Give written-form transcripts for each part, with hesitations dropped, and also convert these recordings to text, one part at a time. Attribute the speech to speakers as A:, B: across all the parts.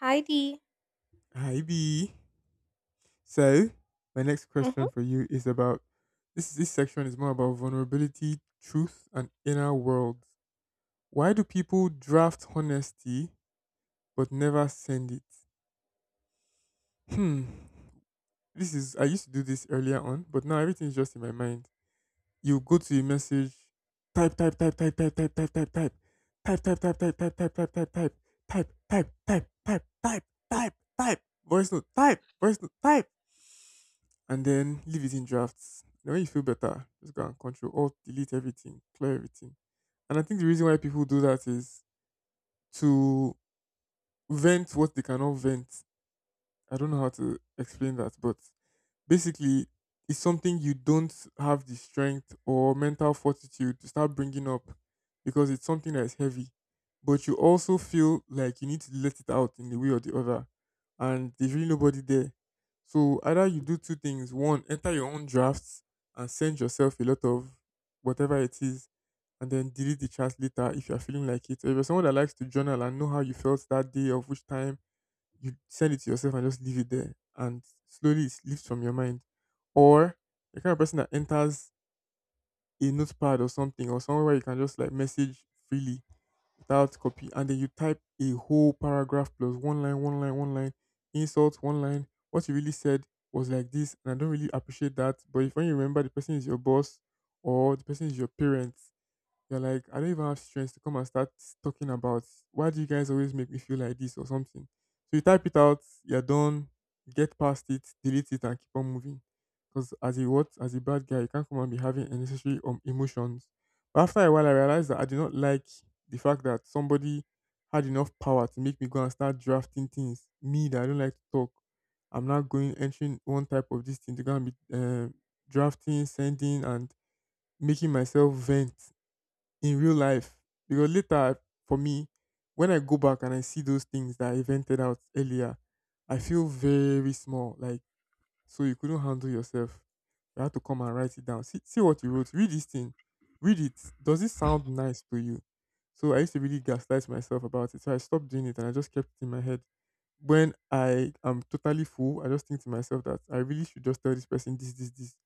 A: Heidi.
B: Hi B. So, my next question for you is about this section is more about vulnerability, truth, and inner worlds. Why do people draft honesty but never send it? Hmm. This is I used to do this earlier on, but now everything is just in my mind. You go to a message, type, type, type, type, type, type, type, type, type, type, type, type, type, type, type, type, type, type, type, type, type, type, type, type, type, voice note, type, voice note, type and then leave it in drafts. Then when you feel better, just go and control alt delete everything, clear everything. And I think the reason why people do that is to vent what they cannot vent. I don't know how to explain that, but basically it's something you don't have the strength or mental fortitude to start bringing up because it's something that's heavy, but you also feel like you need to let it out in the way or the other, and there's really nobody there. So either you do two things: one, enter your own drafts and send yourself a lot of whatever it is and then delete the chats later if you're feeling like it, or if you're someone that likes to journal and know how you felt that day of which time, you send it to yourself and just leave it there and slowly it lifts from your mind. Or the kind of person that enters a notepad or something or somewhere where you can just like message freely without copy, and then you type a whole paragraph plus one line, one line, one line, insult, one line. What you really said was like this and I don't really appreciate that. But if when you remember the person is your boss or the person is your parent, you're like, I don't even have strength to come and start talking about why do you guys always make me feel like this or something. So you type it out, you're done, get past it, delete it, and keep on moving. Because as a what, as a bad guy, you can't come and be having unnecessary emotions. But after a while, I realized that I did not like the fact that somebody had enough power to make me go and start drafting things. Me that I don't like to talk, I'm not going entering one type of this thing to go and be drafting, sending, and making myself vent in real life. Because later, for me, when I go back and I see those things that I vented out earlier, I feel very small. Like, so you couldn't handle yourself. You had to come and write it down. See, see what you wrote. Read this thing. Read it. Does it sound nice to you? So I used to really gaslight myself about it. So I stopped doing it and I just kept it in my head. When I am totally full, I just think to myself that I really should just tell this person this, this, this.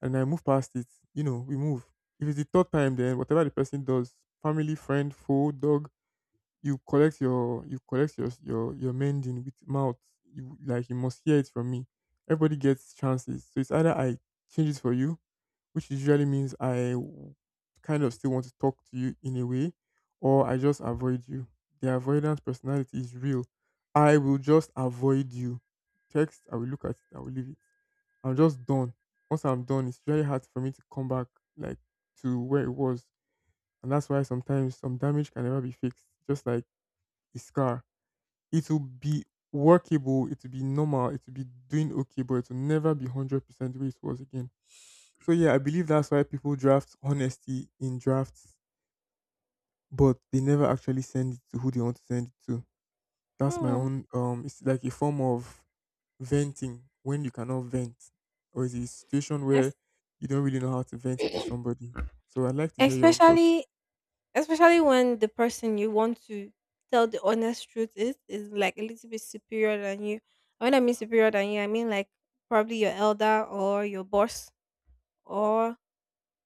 B: And I move past it. You know, we move. If it's the third time, then whatever the person does, family, friend, foe, dog, you collect your your mending with mouth. You like you must hear it from me. Everybody gets chances, so it's either I change it for you, which usually means kind of still want to talk to you in a way, or I just avoid you. The avoidance personality is real. I will just avoid you. Text, I will look at it, I will leave it. I'm just done. Once I'm done, it's really hard for me to come back, like, to where it was. And that's why sometimes some damage can never be fixed. Just like a scar. It will be workable, it will be normal, it will be doing okay, but it will never be 100% the way it was again. So, yeah, I believe that's why people draft honesty in drafts, but they never actually send it to who they want to send it to. That's my
A: Mhm.
B: own, it's like a form of venting when you cannot vent, or is it a situation where
A: Es-
B: you don't really know how to vent it to somebody. So, I'd like to hear your own thoughts.
A: especially when the person you want to tell the honest truth is like a little bit superior than you. And when I mean
B: Exactly.
A: superior than you, I mean like probably your elder or your boss or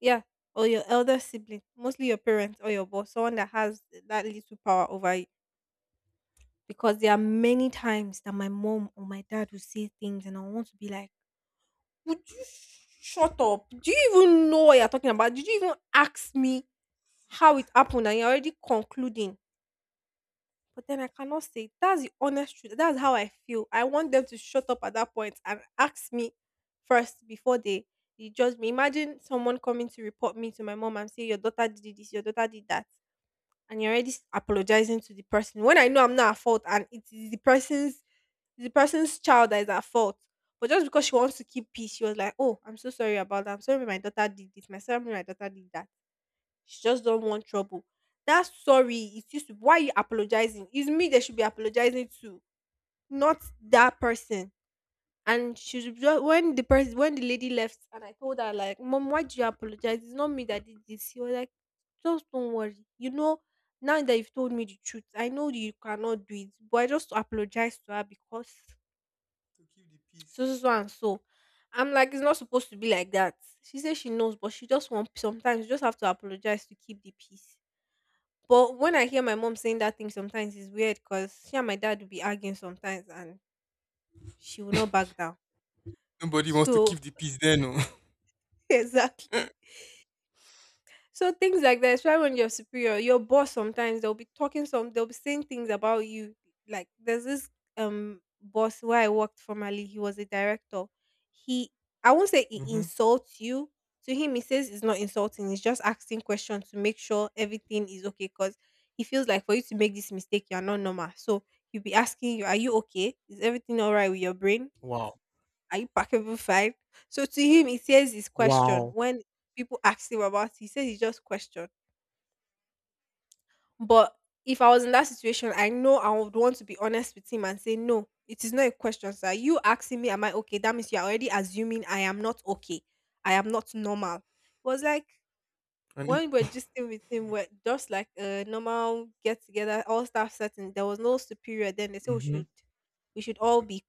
A: yeah, or your elder sibling, mostly your parents or your boss, someone that has that little power over you. Because there are many times that my mom or my dad will say things and I want to be like, would you shut up? Do you even know what you're talking about? Did you even ask me how it happened and you're already concluding? But then I cannot say. That's the honest truth. That's how I feel. I want them to shut up at that point and ask me first before they judge me. Imagine someone coming to report me to my mom and say, your daughter did this, your daughter did that. And you're already apologizing to the person when I know I'm not at fault and it is the person's child that is at fault. But just because she wants to keep peace, she was like, "Oh, I'm so sorry about that. I'm sorry my daughter did this. My sorry my daughter did that." She just don't want trouble. That sorry is used to, why are you apologizing? It's me that should be apologizing to, not that person. And she should just when the person when the lady left and I told her like, "Mom, why do you apologize? It's not me that did this." She was like, "Just don't worry. You know." Now that you've told me the truth, I know you cannot do it, but I just apologize to her because
B: To keep the
A: so
B: peace.
A: so so and so. I'm like, it's not supposed to be like that. She says she knows, but she just won't. Sometimes you just have to apologize to keep the peace. But when I hear my mom saying that thing, sometimes it's weird because she and my dad will be arguing sometimes, and she will not back down.
B: Nobody wants to
A: So
B: keep the peace there, no?
A: exactly. So things like that, especially when you're superior, your boss sometimes they'll be talking some they'll be saying things about you. Like there's this boss where I worked formerly, he was a director. He, I won't say he
B: hmm.
A: insults you. To him, he says it's not insulting, it's just asking questions to make sure everything is okay. Cause he feels like for you to make this mistake, you're not normal. So he'll be asking you, are you okay? Is everything all right with your brain?
B: Wow.
A: Are you packable fine? So to him, he says his question.
B: Wow.
A: When people ask him about it, he says it's just question, but if I was in that situation, I know I would want to be honest with him and say, no, it is not a question, sir. You asking me, am I okay? That means you're already assuming I am not okay. I am not normal. It was like
B: And it,
A: when we were just with him, we're just like a normal get together, all staff setting. There was no superior then. They say
B: mm-hmm,
A: we should all be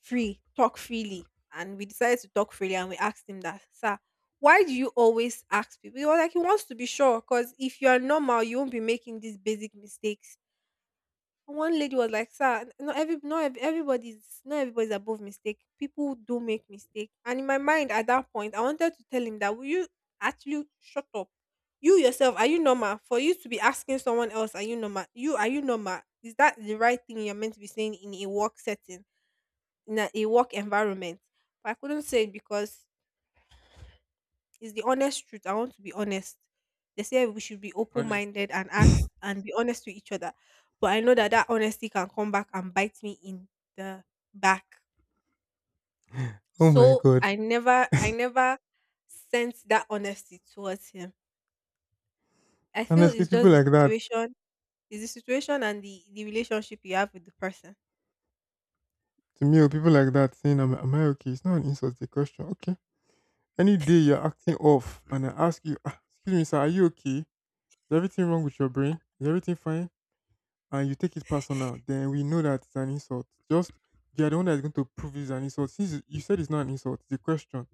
A: free, talk freely. And we decided to talk freely and we asked him that, sir, why do you always ask people? He was like, he wants to be sure because if you are normal, you won't be making these basic mistakes. And one lady was like, sir, not ev- everybody's not everybody's above mistake. People do make mistake. And in my mind at that point, I wanted to tell him that will you actually shut up? You yourself, are you normal? For you to be asking someone else, are you normal? You are you normal? Is that the right thing you're meant to be saying in a work setting? In a work environment. But I couldn't say it because it's the honest truth. I want to be honest. They say we should be open
B: honestly,
A: minded and ask and be honest with each other. But I know that that honesty can come back and bite me in the back.
B: oh my
A: So
B: god.
A: I never sent that honesty towards him. I feel
B: Honestly,
A: it's
B: people
A: just the
B: like that,
A: situation, it's the situation and the relationship you have with the person.
B: to me, or people like that saying, am I okay? It's not an insult, it's a question. Okay. Any day you're acting off and I ask you, "Ah, excuse me, sir, are you okay? Is everything wrong with your brain? Is everything fine?" And you take it personal, then we know that it's an insult. Just you're the one that's going to prove it's an insult. Since you said it's not an insult, it's a question.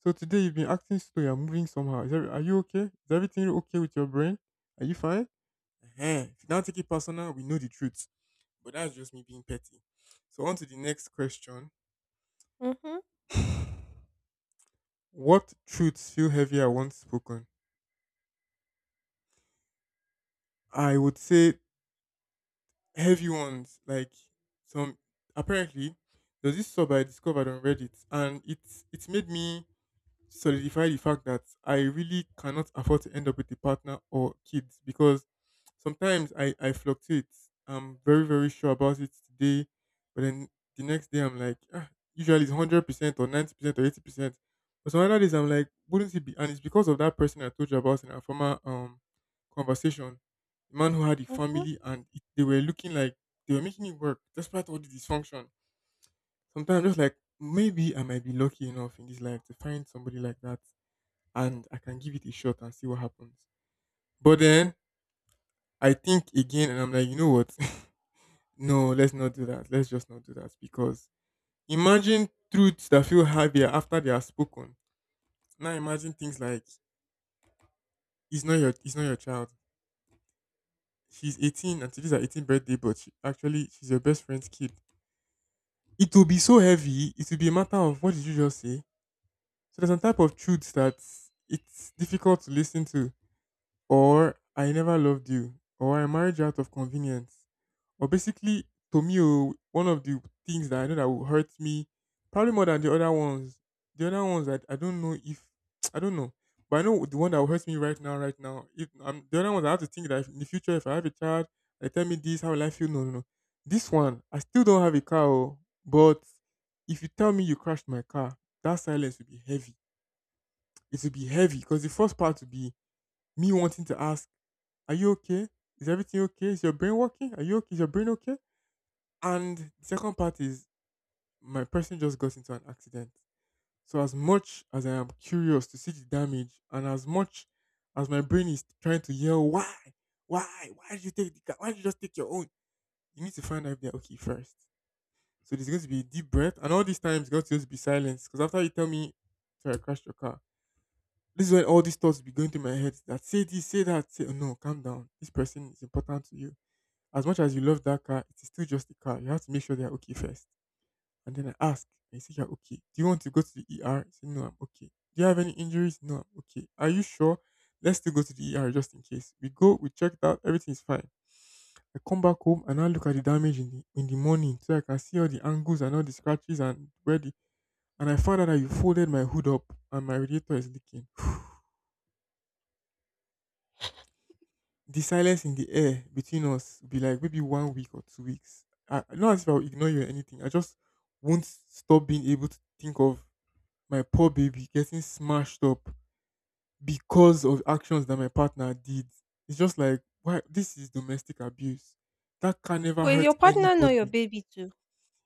B: So today you've been acting slow, you're moving somehow. Is every, are you okay? Is everything okay with your brain? Are you fine? Huh? If you don't take it personal, we know the truth. But that's just me being petty. So on to the next question.
A: Mm-hmm,
B: What truths feel heavier once spoken? I would say heavy ones, like some apparently there's this sub I discovered on Reddit and it's made me solidify the fact that I really cannot afford to end up with a partner or kids because sometimes I fluctuate. I'm very, very sure about it today, but then the next day I'm like, ah, usually it's 100% or 90% or 80%. But some other days I'm like, wouldn't it be? And it's because of that person I told you about in our former conversation, the man who had a
A: mm-hmm.
B: family and it, they were looking like they were making it work despite all the dysfunction. Sometimes I'm just like, maybe I might be lucky enough in this life to find somebody like that and I can give it a shot and see what happens. But then I think again and I'm like, you know what? no, let's not do that. Let's just not do that because imagine truths that feel heavier after they are spoken. Now imagine things like it's not your child. She's 18 and today's her 18th birthday, but she, actually she's your best friend's kid. It will be so heavy. It will be a matter of what did you just say. So there's a type of truths that it's difficult to listen to. Or I never loved you, or I married you out of convenience, or basically to me, oh, one of the things that I know that will hurt me, probably more than the other ones. The other ones that I don't know if I don't know, but I know the one that will hurt me right now, right now. If the other ones, I have to think that if, in the future, if I have a child, they tell me this, how will I feel? No, no, no. This one, I still don't have a car, oh, but if you tell me you crashed my car, that silence will be heavy. It will be heavy because the first part will be me wanting to ask, are you okay? Is everything okay? Is your brain working? Are you okay? Is your brain okay? And the second part is my person just got into an accident. So as much as I am curious to see the damage, and as much as my brain is trying to yell, why did you take the car? Why did you just take your own? You need to find out if they're okay first. So there's going to be a deep breath, and all this time it's going to just be silence. Because after you tell me, sorry, I crashed your car, this is when all these thoughts will be going through my head. That say this, say that, say oh, no, calm down. This person is important to you. As much as you love that car, it is still just a car. You have to make sure they are okay first. And then I ask, and you say you're okay. Do you want to go to the ER? You say, no, I'm okay. Do you have any injuries? No, I'm okay. Are you sure? Let's still go to the ER just in case. We go, we checked out, everything is fine. I come back home and I look at the damage in the morning so I can see all the angles and all the scratches and where the and I found out that you folded my hood up and my radiator is leaking. the silence in the air between us will be like maybe 1 week or 2 weeks. I, not as if I'll ignore you or anything. I just won't stop being able to think of my poor baby getting smashed up because of actions that my partner did. It's just like, why? This is domestic abuse. That can never
A: But is your
B: hurt
A: partner not your
B: anybody.
A: baby too?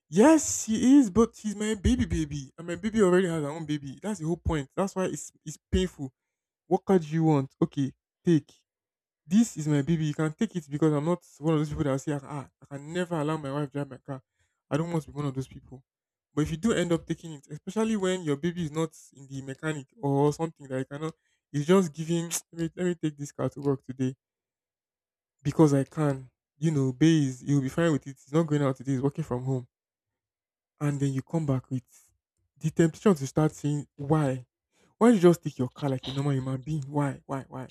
B: Yes, he is, but he's my baby baby. And my baby already has her own baby. That's the whole point. That's why it's painful. What card do you want? Okay, take. This is my baby. You can take it because I'm not one of those people that will say, ah, ah, I can never allow my wife drive my car. I don't want to be one of those people. But if you do end up taking it, especially when your baby is not in the mechanic or something that you cannot, it's just giving, let me take this car to work today because I can. You know, Bay is, he'll be fine with it. He's not going out today. He's working from home. And then you come back with the temptation to start saying, why? Why don't you just take your car like a normal human being? Why? Why? Why?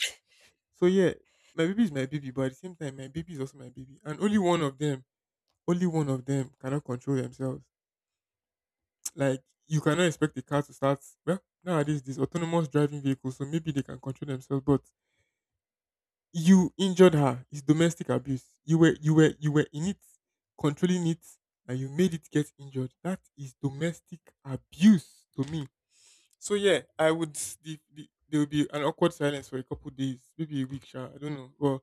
B: So yeah, my baby is my baby, but at the same time, my baby is also my baby, and only one of them, only one of them cannot control themselves. Like you cannot expect the car to start. Well, nowadays these autonomous driving vehicles, so maybe they can control themselves. But you injured her. It's domestic abuse. You were in it, controlling it, and you made it get injured. That is domestic abuse to me. So yeah, I would. There will be an awkward silence for a couple days, maybe a week. Sure, I don't know. But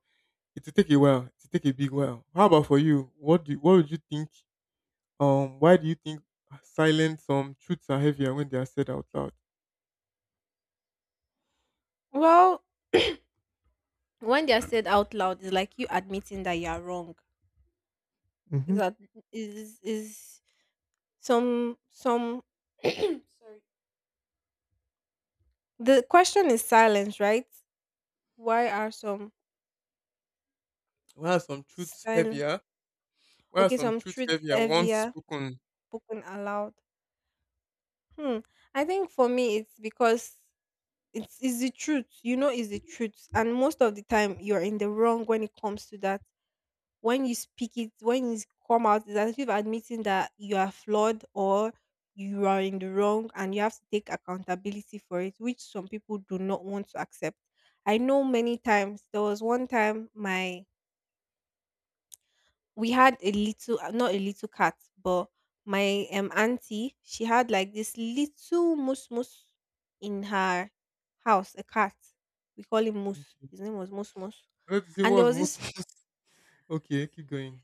B: it will take a while. It will take a big while. How about for you? What would you think? Why do you think silent some truths are heavier when they are said out loud?
A: Well, when they are said out loud, it's like you admitting that you are wrong. Is
B: Hmm.
A: that is some sorry, the question is silence, right? Why are some
B: Why are some truths
A: silent?
B: heavier? Why are
A: Okay,
B: some
A: some
B: truths
A: truth
B: heavier once
A: heavier
B: spoken?
A: spoken aloud. hmm I think for me it's because it's the truth, you know it's the truth, and most of the time you're in the wrong when it comes to that. When you speak it, when it's come out, it's as if admitting that you are flawed or you are in the wrong and you have to take accountability for it, which some people do not want to accept. I know many times there was one time my we had a little not a little cat, but my auntie, she had like this little moose moose in her house, a cat. We call him moose.
B: Okay.
A: His name was Moose Moose.
B: Let's see
A: And
B: what's most. Okay, keep going.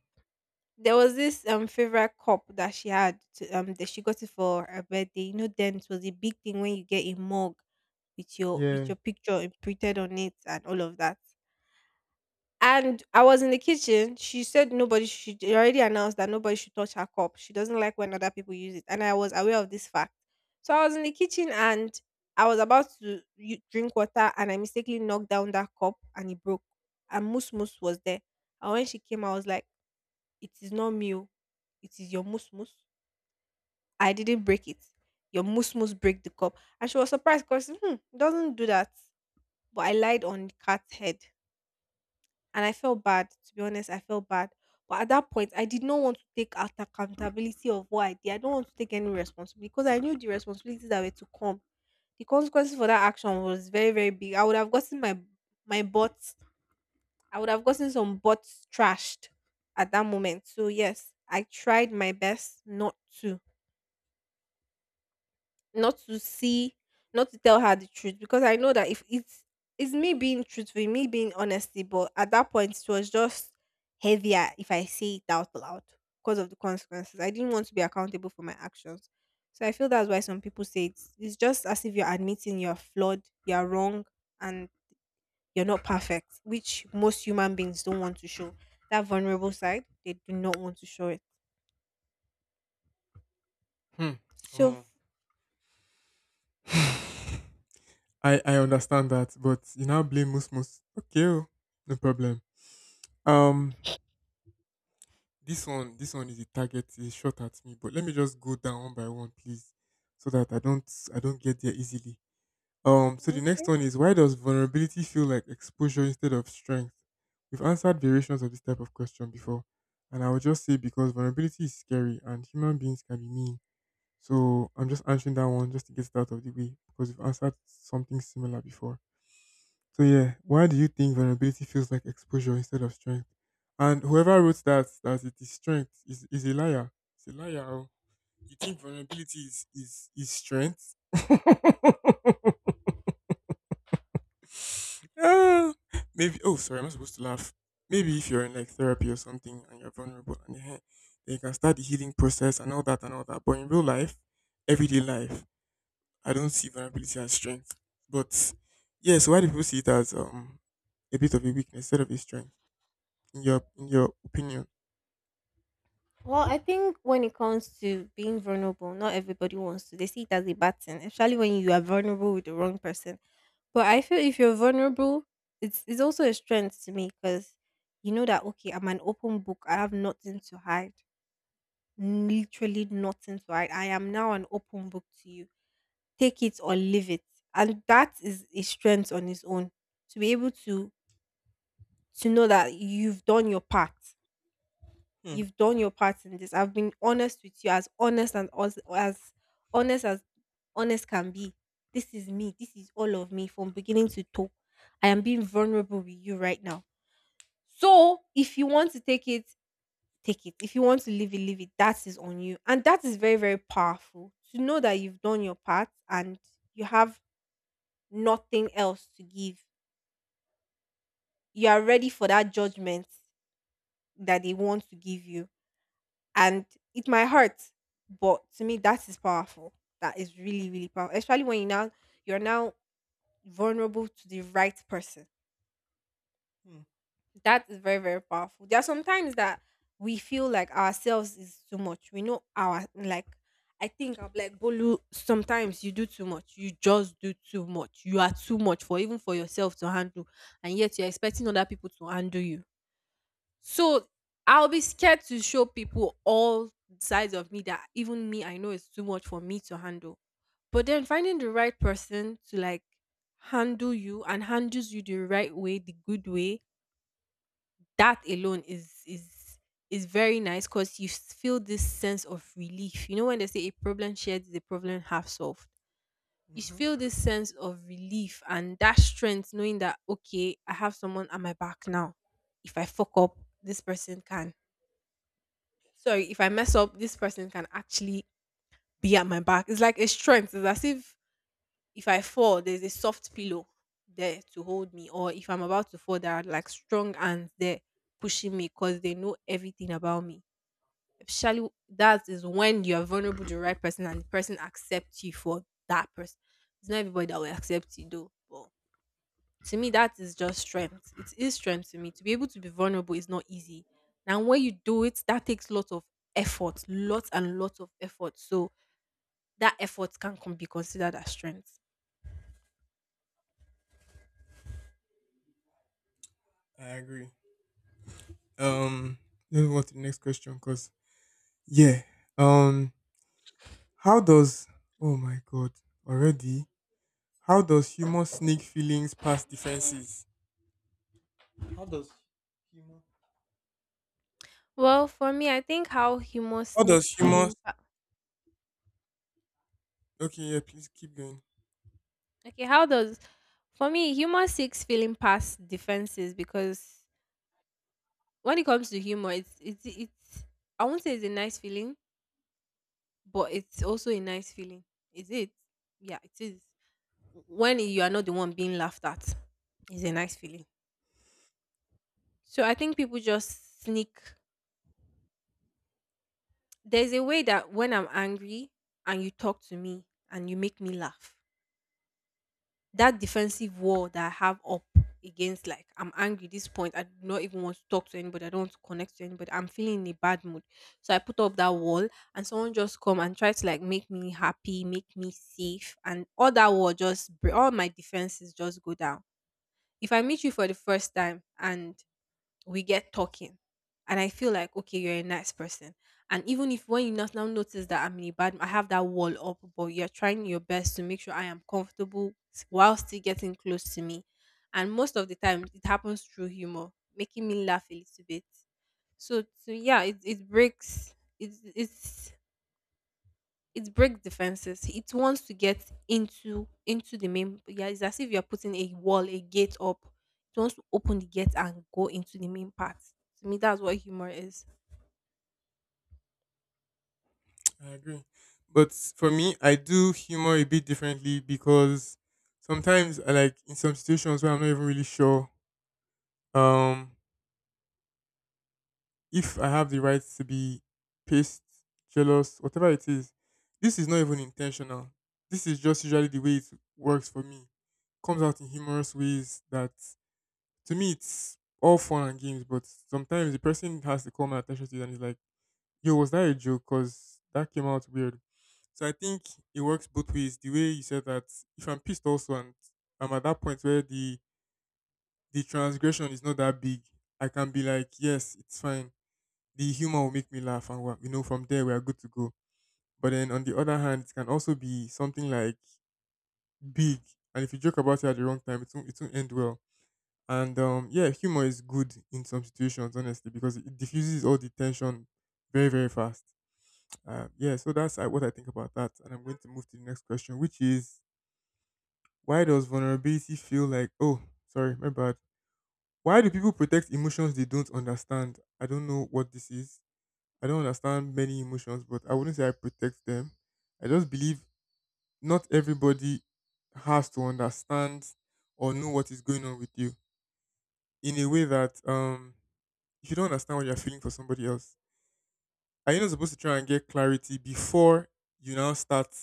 A: there was this favorite cup that she that she got it for her birthday. You know, then it was a big thing when you get a mug with
B: Yeah.
A: your picture imprinted on it and all of that. And I was in the kitchen. She said nobody should. She already announced that nobody should touch her cup. She doesn't like when other people use it, and I was aware of this fact. So I was in the kitchen and I was about to drink water, and I mistakenly knocked down that cup, and it broke. And Moose Moose was there. And when she came, I was like. It is not me oh, it is your musmus. I didn't break it. Your musmus break the cup. And she was surprised because hmm, it doesn't do that. But I lied on the cat's head. And I felt bad. To be honest, I felt bad. But at that point, I did not want to take out accountability of what I did. I don't want to take any responsibility because I knew the responsibilities that were to come. The consequences for that action was very, very big. I would have gotten my butt, I would have gotten some bots trashed at that moment. So yes, I tried my best to not to see not to tell her the truth because I know that if it's me being truthful, me being honesty, but at that point it was just heavier if I say it out loud because of the consequences. I didn't want to be accountable for my actions. So I feel that's why some people say it's just as if you're admitting you're flawed, you're wrong, and you're not perfect, which most human beings don't want to show. That vulnerable side, they do not want to show it.
B: Hmm. Come
A: So, f-
B: on. I understand that, but you now blame Musmus. Okay, oh, no problem. Um, this one is a target, is shot at me. But let me just go down one by one, please, so that I don't get there easily. So the next
A: okay.
B: one is, why does vulnerability feel like exposure instead of strength? We've answered variations of this type of question before, and I would just say because vulnerability is scary and human beings can be mean. So I'm just answering that one just to get it out of the way because we've answered something similar before. So yeah, why do you think vulnerability feels like exposure instead of strength? And whoever wrote that that it is strength is a liar. It's a liar. Oh. You think vulnerability is strength? Ah, maybe. Oh, sorry, I'm not supposed to laugh. Maybe if you're in like therapy or something and you're vulnerable and then you can start the healing process and all that and all that. But in real life, everyday life, I don't see vulnerability as strength. But yeah, so why do people see it as a bit of a weakness instead of a strength? In your opinion.
A: Well, I think when it comes to being vulnerable, not everybody wants to. They see it as a bad thing, especially when you are vulnerable with the wrong person. But I feel if you're vulnerable, it's also a strength to me because you know that okay, I'm an open book. I have nothing to hide. Literally nothing to hide. I am now an open book to you, take it or leave it. And that is a strength on its own to be able to know that you've done your part.
B: Hmm.
A: You've done your part in this. I've been honest with you, as honest as honest as honest can be. This is me. This is all of me from beginning to toe. I am being vulnerable with you right now. So if you want to take it, take it. If you want to leave it, leave it. That is on you. And that is very, very powerful to know that you've done your part and you have nothing else to give. You are ready for that judgment that they want to give you. And it might hurt, but to me, that is powerful. That is really, really powerful. Especially when you're now vulnerable to the right person.
B: Hmm.
A: That is very, very powerful. There are sometimes that we feel like ourselves is too much. We know our like I think I'm like Bolu. Sometimes you do too much. You just do too much. You are too much for even for yourself to handle, and yet you're expecting other people to handle you. So I'll be scared to show people all sides of me that even me, I know it's too much for me to handle. But then finding the right person to like handle you and handles you the right way, the good way, that alone is is very nice because you feel this sense of relief. You know when they say a problem shared is a problem half solved. You
B: Mm-hmm.
A: feel this sense of relief and that strength knowing that okay, I have someone at my back now. If I fuck up, this person can So if I mess up, this person can actually be at my back. It's like a strength. It's as if I fall, there's a soft pillow there to hold me. Or if I'm about to fall, there are like strong hands there pushing me because they know everything about me. Especially that is when you are vulnerable to the right person and the person accepts you for that person. It's not everybody that will accept you though. But to me that is just strength, it is strength to me. To be able to be vulnerable is not easy, and when you do it, that takes lots of effort, lots and lots of effort. So that effort can be considered as strength.
B: I agree. Um, let's move on to the next question because yeah. Um, how does, oh my god, already? How does humor sneak feelings past defenses?
A: Well, for me, I think how humor
B: How does
A: sneaks
B: humor?
A: feeling. Pa-
B: Okay, yeah. Please keep going.
A: Okay, how does, for me, humor sneaks feeling past defenses because when it comes to humor, it's I won't say it's a nice feeling, but it's also a nice feeling. Is it? Yeah, it is. When you are not the one being laughed at is a nice feeling. So I think people just sneak. There's a way that when I'm angry and you talk to me and you make me laugh, that defensive wall that I have up against, like I'm angry at this point, I do not even want to talk to anybody, I don't want to connect to anybody, I'm feeling in a bad mood. So I put up that wall and someone just come and try to like make me happy, make me safe, and all that wall just, all my defenses just go down. If I meet you for the first time and we get talking and I feel like okay, you're a nice person, and even if when you not now notice that I'm in a bad, I have that wall up but you're trying your best to make sure I am comfortable while still getting close to me, and most of the time it happens through humor, making me laugh a little bit, so yeah, it breaks it's it breaks defenses. It wants to get into the main. Yeah, it's as if you are putting a wall, a gate up. It wants to open the gate and go into the main part. To me, that's what humor is.
B: I agree. But for me, I do humor a bit differently because sometimes I like in some situations where I'm not even really sure. Um, if I have the right to be pissed, jealous, whatever it is, this is not even intentional. This is just usually the way it works for me. Comes out in humorous ways that to me it's all fun and games, but sometimes the person has to call my attention to it and is like, yo, was that a joke? Because that came out weird. So I think it works both ways. The way you said that, if I'm pissed also and I'm at that point where the transgression is not that big, I can be like, yes, it's fine, the humor will make me laugh and you know, from there we are good to go. But then on the other hand, it can also be something like big, and if you joke about it at the wrong time, it won't end well. And yeah, humor is good in some situations honestly because it diffuses all the tension very, very fast. Yeah, so that's what I think about that, and I'm going to move to the next question, which is, why does vulnerability feel like, oh, sorry, my bad, why do people protect emotions they don't understand? I don't know what this is. I don't understand many emotions, but I wouldn't say I protect them. I just believe not everybody has to understand or know what is going on with you in a way that if you don't understand what you're feeling for somebody else, are you not supposed to try and get clarity before you now start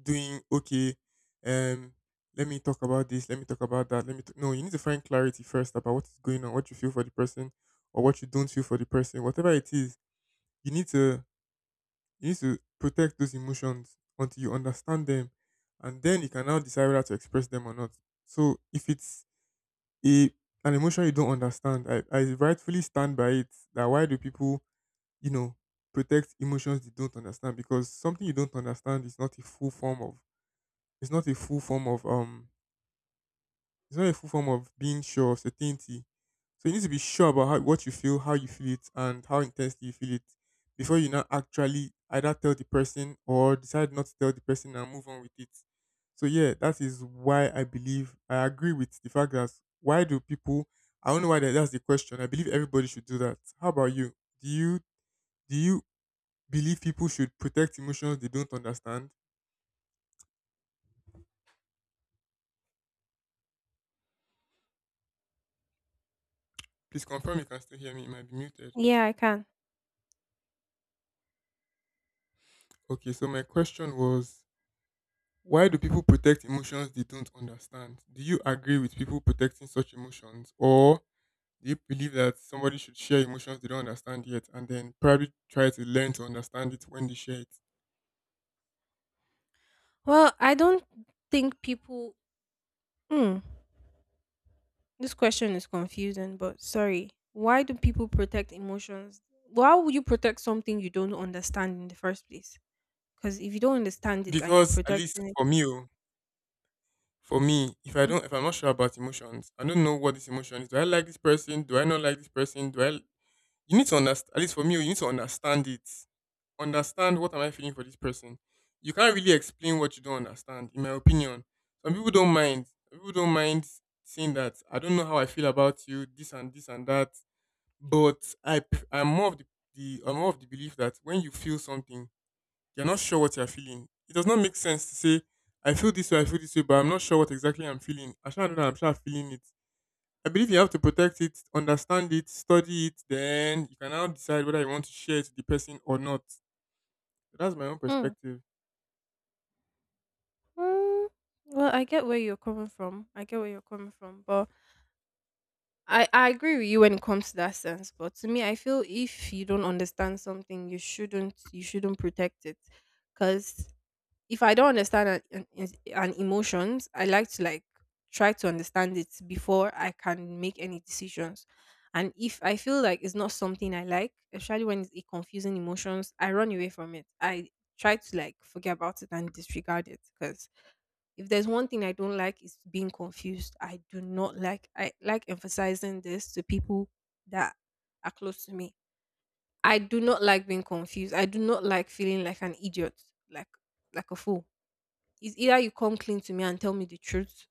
B: doing, okay, um let me talk about this, let me talk about that, let me talk. No, you need to find clarity first about what is going on, what you feel for the person or what you don't feel for the person, whatever it is, you need to you need to protect those emotions until you understand them, and then you can now decide whether to express them or not. So if it's a, an emotion you don't understand, I rightfully stand by it. That, why do people, you know, protect emotions they don't understand? Because something you don't understand is not a full form of, it's not a full form of it's not a full form of being sure of certainty. So you need to be sure about how, what you feel, how you feel it, and how intensely you feel it before you now actually either tell the person or decide not to tell the person and move on with it. So yeah, that is why I believe, I agree with the fact that, why do people? I don't know why, that, that's the question. I believe everybody should do that. How about you? Do you do you believe people should protect emotions they don't understand? Please confirm you can still hear me. It might be muted.
A: Yeah, I can.
B: Okay, so my question was, why do people protect emotions they don't understand? Do you agree with people protecting such emotions, or do you believe that somebody should share emotions they don't understand yet, and then probably try to learn to understand it when they share it?
A: Well, I don't think people. Mm, this question is confusing, but sorry. Why do people protect emotions? Why would you protect something you don't understand in the first place? Because if you don't understand it and you're
B: Because at least
A: protecting it,
B: for me, oh, for me, if I'm not sure about emotions, I don't know what this emotion is. Do I like this person? Do I not like this person? Do I? You need to understand. At least for me, oh, you need to understand it. Understand what am I feeling for this person. You can't really explain what you don't understand, in my opinion. Some people don't mind. Some people don't mind saying that I don't know how I feel about you, this and this and that. But I'm more of the I'm more of the belief that when you feel something, you're not sure what you're feeling. It does not make sense to say I feel this way, I feel this way, but I'm not sure what exactly I'm feeling. I sure don't I'm sure feeling it. I believe you have to protect it, understand it, study it, then you can now decide whether you want to share it with the person or not. That's my own
A: Mhm.
B: perspective.
A: Mm, well, I get where you're coming from. I get where you're coming from, but I agree with you when it comes to that sense. But to me, I feel if you don't understand something, you shouldn't protect it, because if I don't understand an emotions, I like to like try to understand it before I can make any decisions. And if I feel like it's not something I like, especially when it's it confusing emotions, I run away from it. I try to like forget about it and disregard it because if there's one thing I don't like is being confused. I do not like, I like emphasizing this to people that are close to me. I do not like being confused. I do not like feeling like an idiot, like like a fool. It's either you come clean to me and tell me the truth,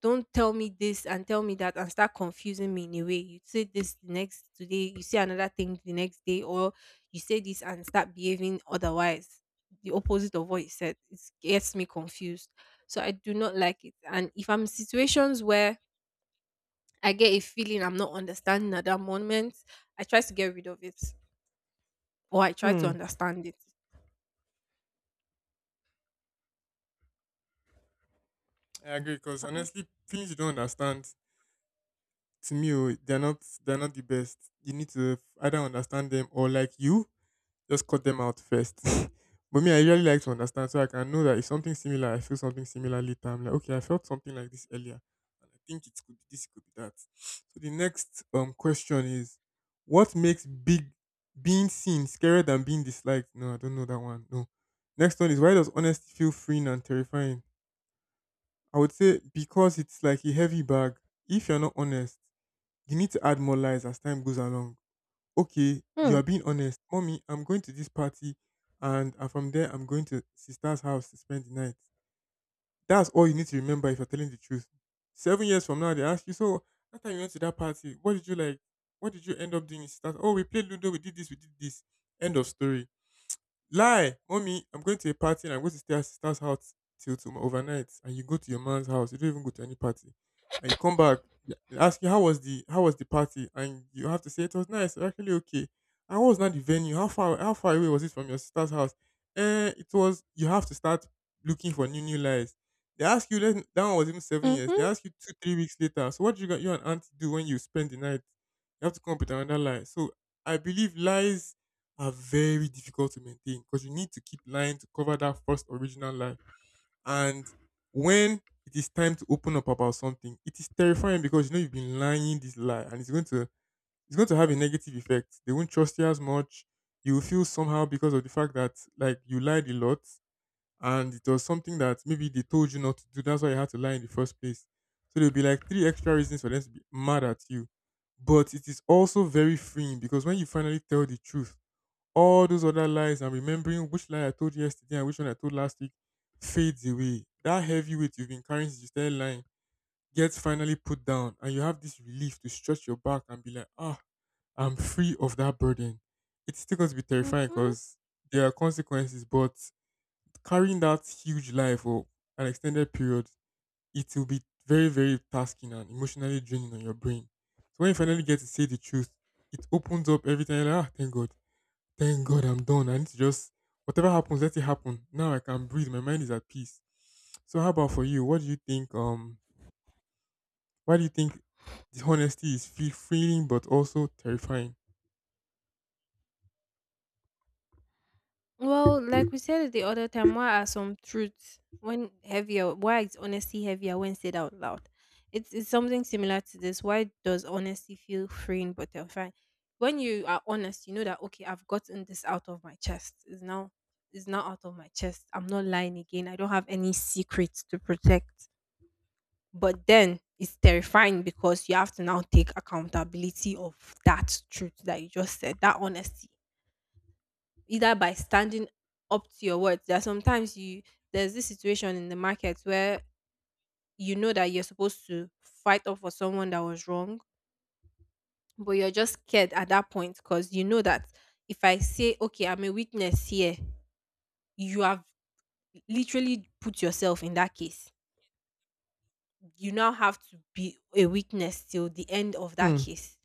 A: don't tell me this and tell me that and start confusing me in a way. You say this the next today, you say another thing the next day, or you say this and start behaving otherwise, the opposite of what you said. It gets me confused. So I do not like it. And if I'm in situations where I get a feeling I'm not understanding at that moment, I try to get rid of it or I try to
B: Hmm.
A: understand it.
B: I agree because honestly, things you don't understand to me, oh, they're not, they're not the best. You need to either understand them or like you just cut them out first. But me, I really like to understand so I can know that if something similar, I feel something similar later, I'm like, okay, I felt something like this earlier, and I think it could be this, it could be that. So the next question is, what makes big, being seen scarier than being disliked? No, I don't know that one. No. Next one is, why does honesty feel freeing and terrifying? I would say because it's like a heavy bag, if you're not honest, you need to add more lies as time goes along. Okay, you
A: Mm.
B: are being honest. Mommy, I'm going to this party and from there I'm going to sister's house to spend the night. That's all you need to remember if you're telling the truth. 7 years from now, they ask you, so that time you went to that party, what did you like? What did you end up doing in sister's? Oh, we played Ludo, we did this, we did this. End of story. Lie, mommy, I'm going to a party and I'm going to stay at sister's house till tomorrow overnight. And you go to your man's house. You don't even go to any party. And you come back, they ask you, how was the, how was the party, and you have to say it was nice, actually okay. And what was not the venue? How far away was it from your sister's house? Eh, it was. You have to start looking for new lies. They ask you, let that one was even 7 years. They
A: Mm-hmm.
B: ask you 2, 3 weeks later. So what do you got you and aunt do when you spend the night? You have to come up with another lie. So I believe lies are very difficult to maintain because you need to keep lying to cover that first original lie. And when it is time to open up about something, it is terrifying because you know you've been lying this lie and it's going to have a negative effect. They won't trust you as much. You will feel somehow because of the fact that like you lied a lot and it was something that maybe they told you not to do. That's why you had to lie in the first place. So there'll be like three extra reasons for them to be mad at you. But it is also very freeing because when you finally tell the truth, all those other lies and remembering which lie I told yesterday and which one I told last week fades away. That heavy weight you've been carrying since you started lying gets finally put down, and you have this relief to stretch your back and be like, ah, I'm free of that burden. It's still going to be terrifying
A: Mm-hmm.
B: because there are consequences, but carrying that huge lie for an extended period, it will be very, very tasking and emotionally draining on your brain. So when you finally get to say the truth, it opens up everything. You're like, ah, thank God. Thank God I'm done. I need to just, whatever happens, let it happen. Now I can breathe. My mind is at peace. So how about for you? What do you think? Why do you think dishonesty is feel freeing but also terrifying?
A: Well, like we said the other time, why are some truths when heavier? Why is honesty heavier when said out loud? It's something similar to this. Why does honesty feel freeing but terrifying? When you are honest, you know that okay, I've gotten this out of my chest. It's now out of my chest. I'm not lying again. I don't have any secrets to protect. But then it's terrifying because you have to now take accountability of that truth that you just said, that honesty, either by standing up to your words. There are sometimes you There's this situation in the market where you know that you're supposed to fight up for someone that was wrong, but you're just scared at that point because you know that if I say, okay, I'm a witness here, you have literally put yourself in that case. You now have to be a witness till the end of that
B: Hmm.
A: case.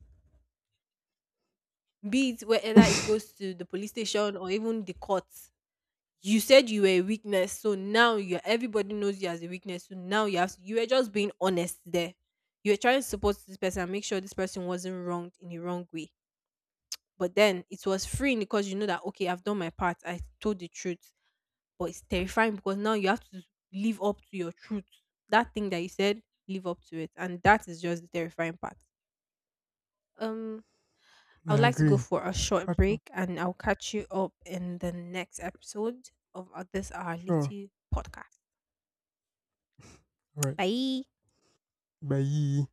A: Be it whether it goes to the police station or even the courts, you said you were a weakness, so now you, everybody knows you as a weakness. So now you have, you were just being honest there. You were trying to support this person and make sure this person wasn't wronged in the wrong way. But then it was freeing because you know that okay, I've done my part, I told the truth. But it's terrifying because now you have to live up to your truth. That thing that you said, live up to it. And that is just the terrifying part. Um I would
B: I
A: like to go
B: agree.
A: for a short
B: Catch up.
A: break and I'll catch you up in the next episode of this our
B: Sure.
A: little podcast.
B: All right.
A: 拜。
B: Bye.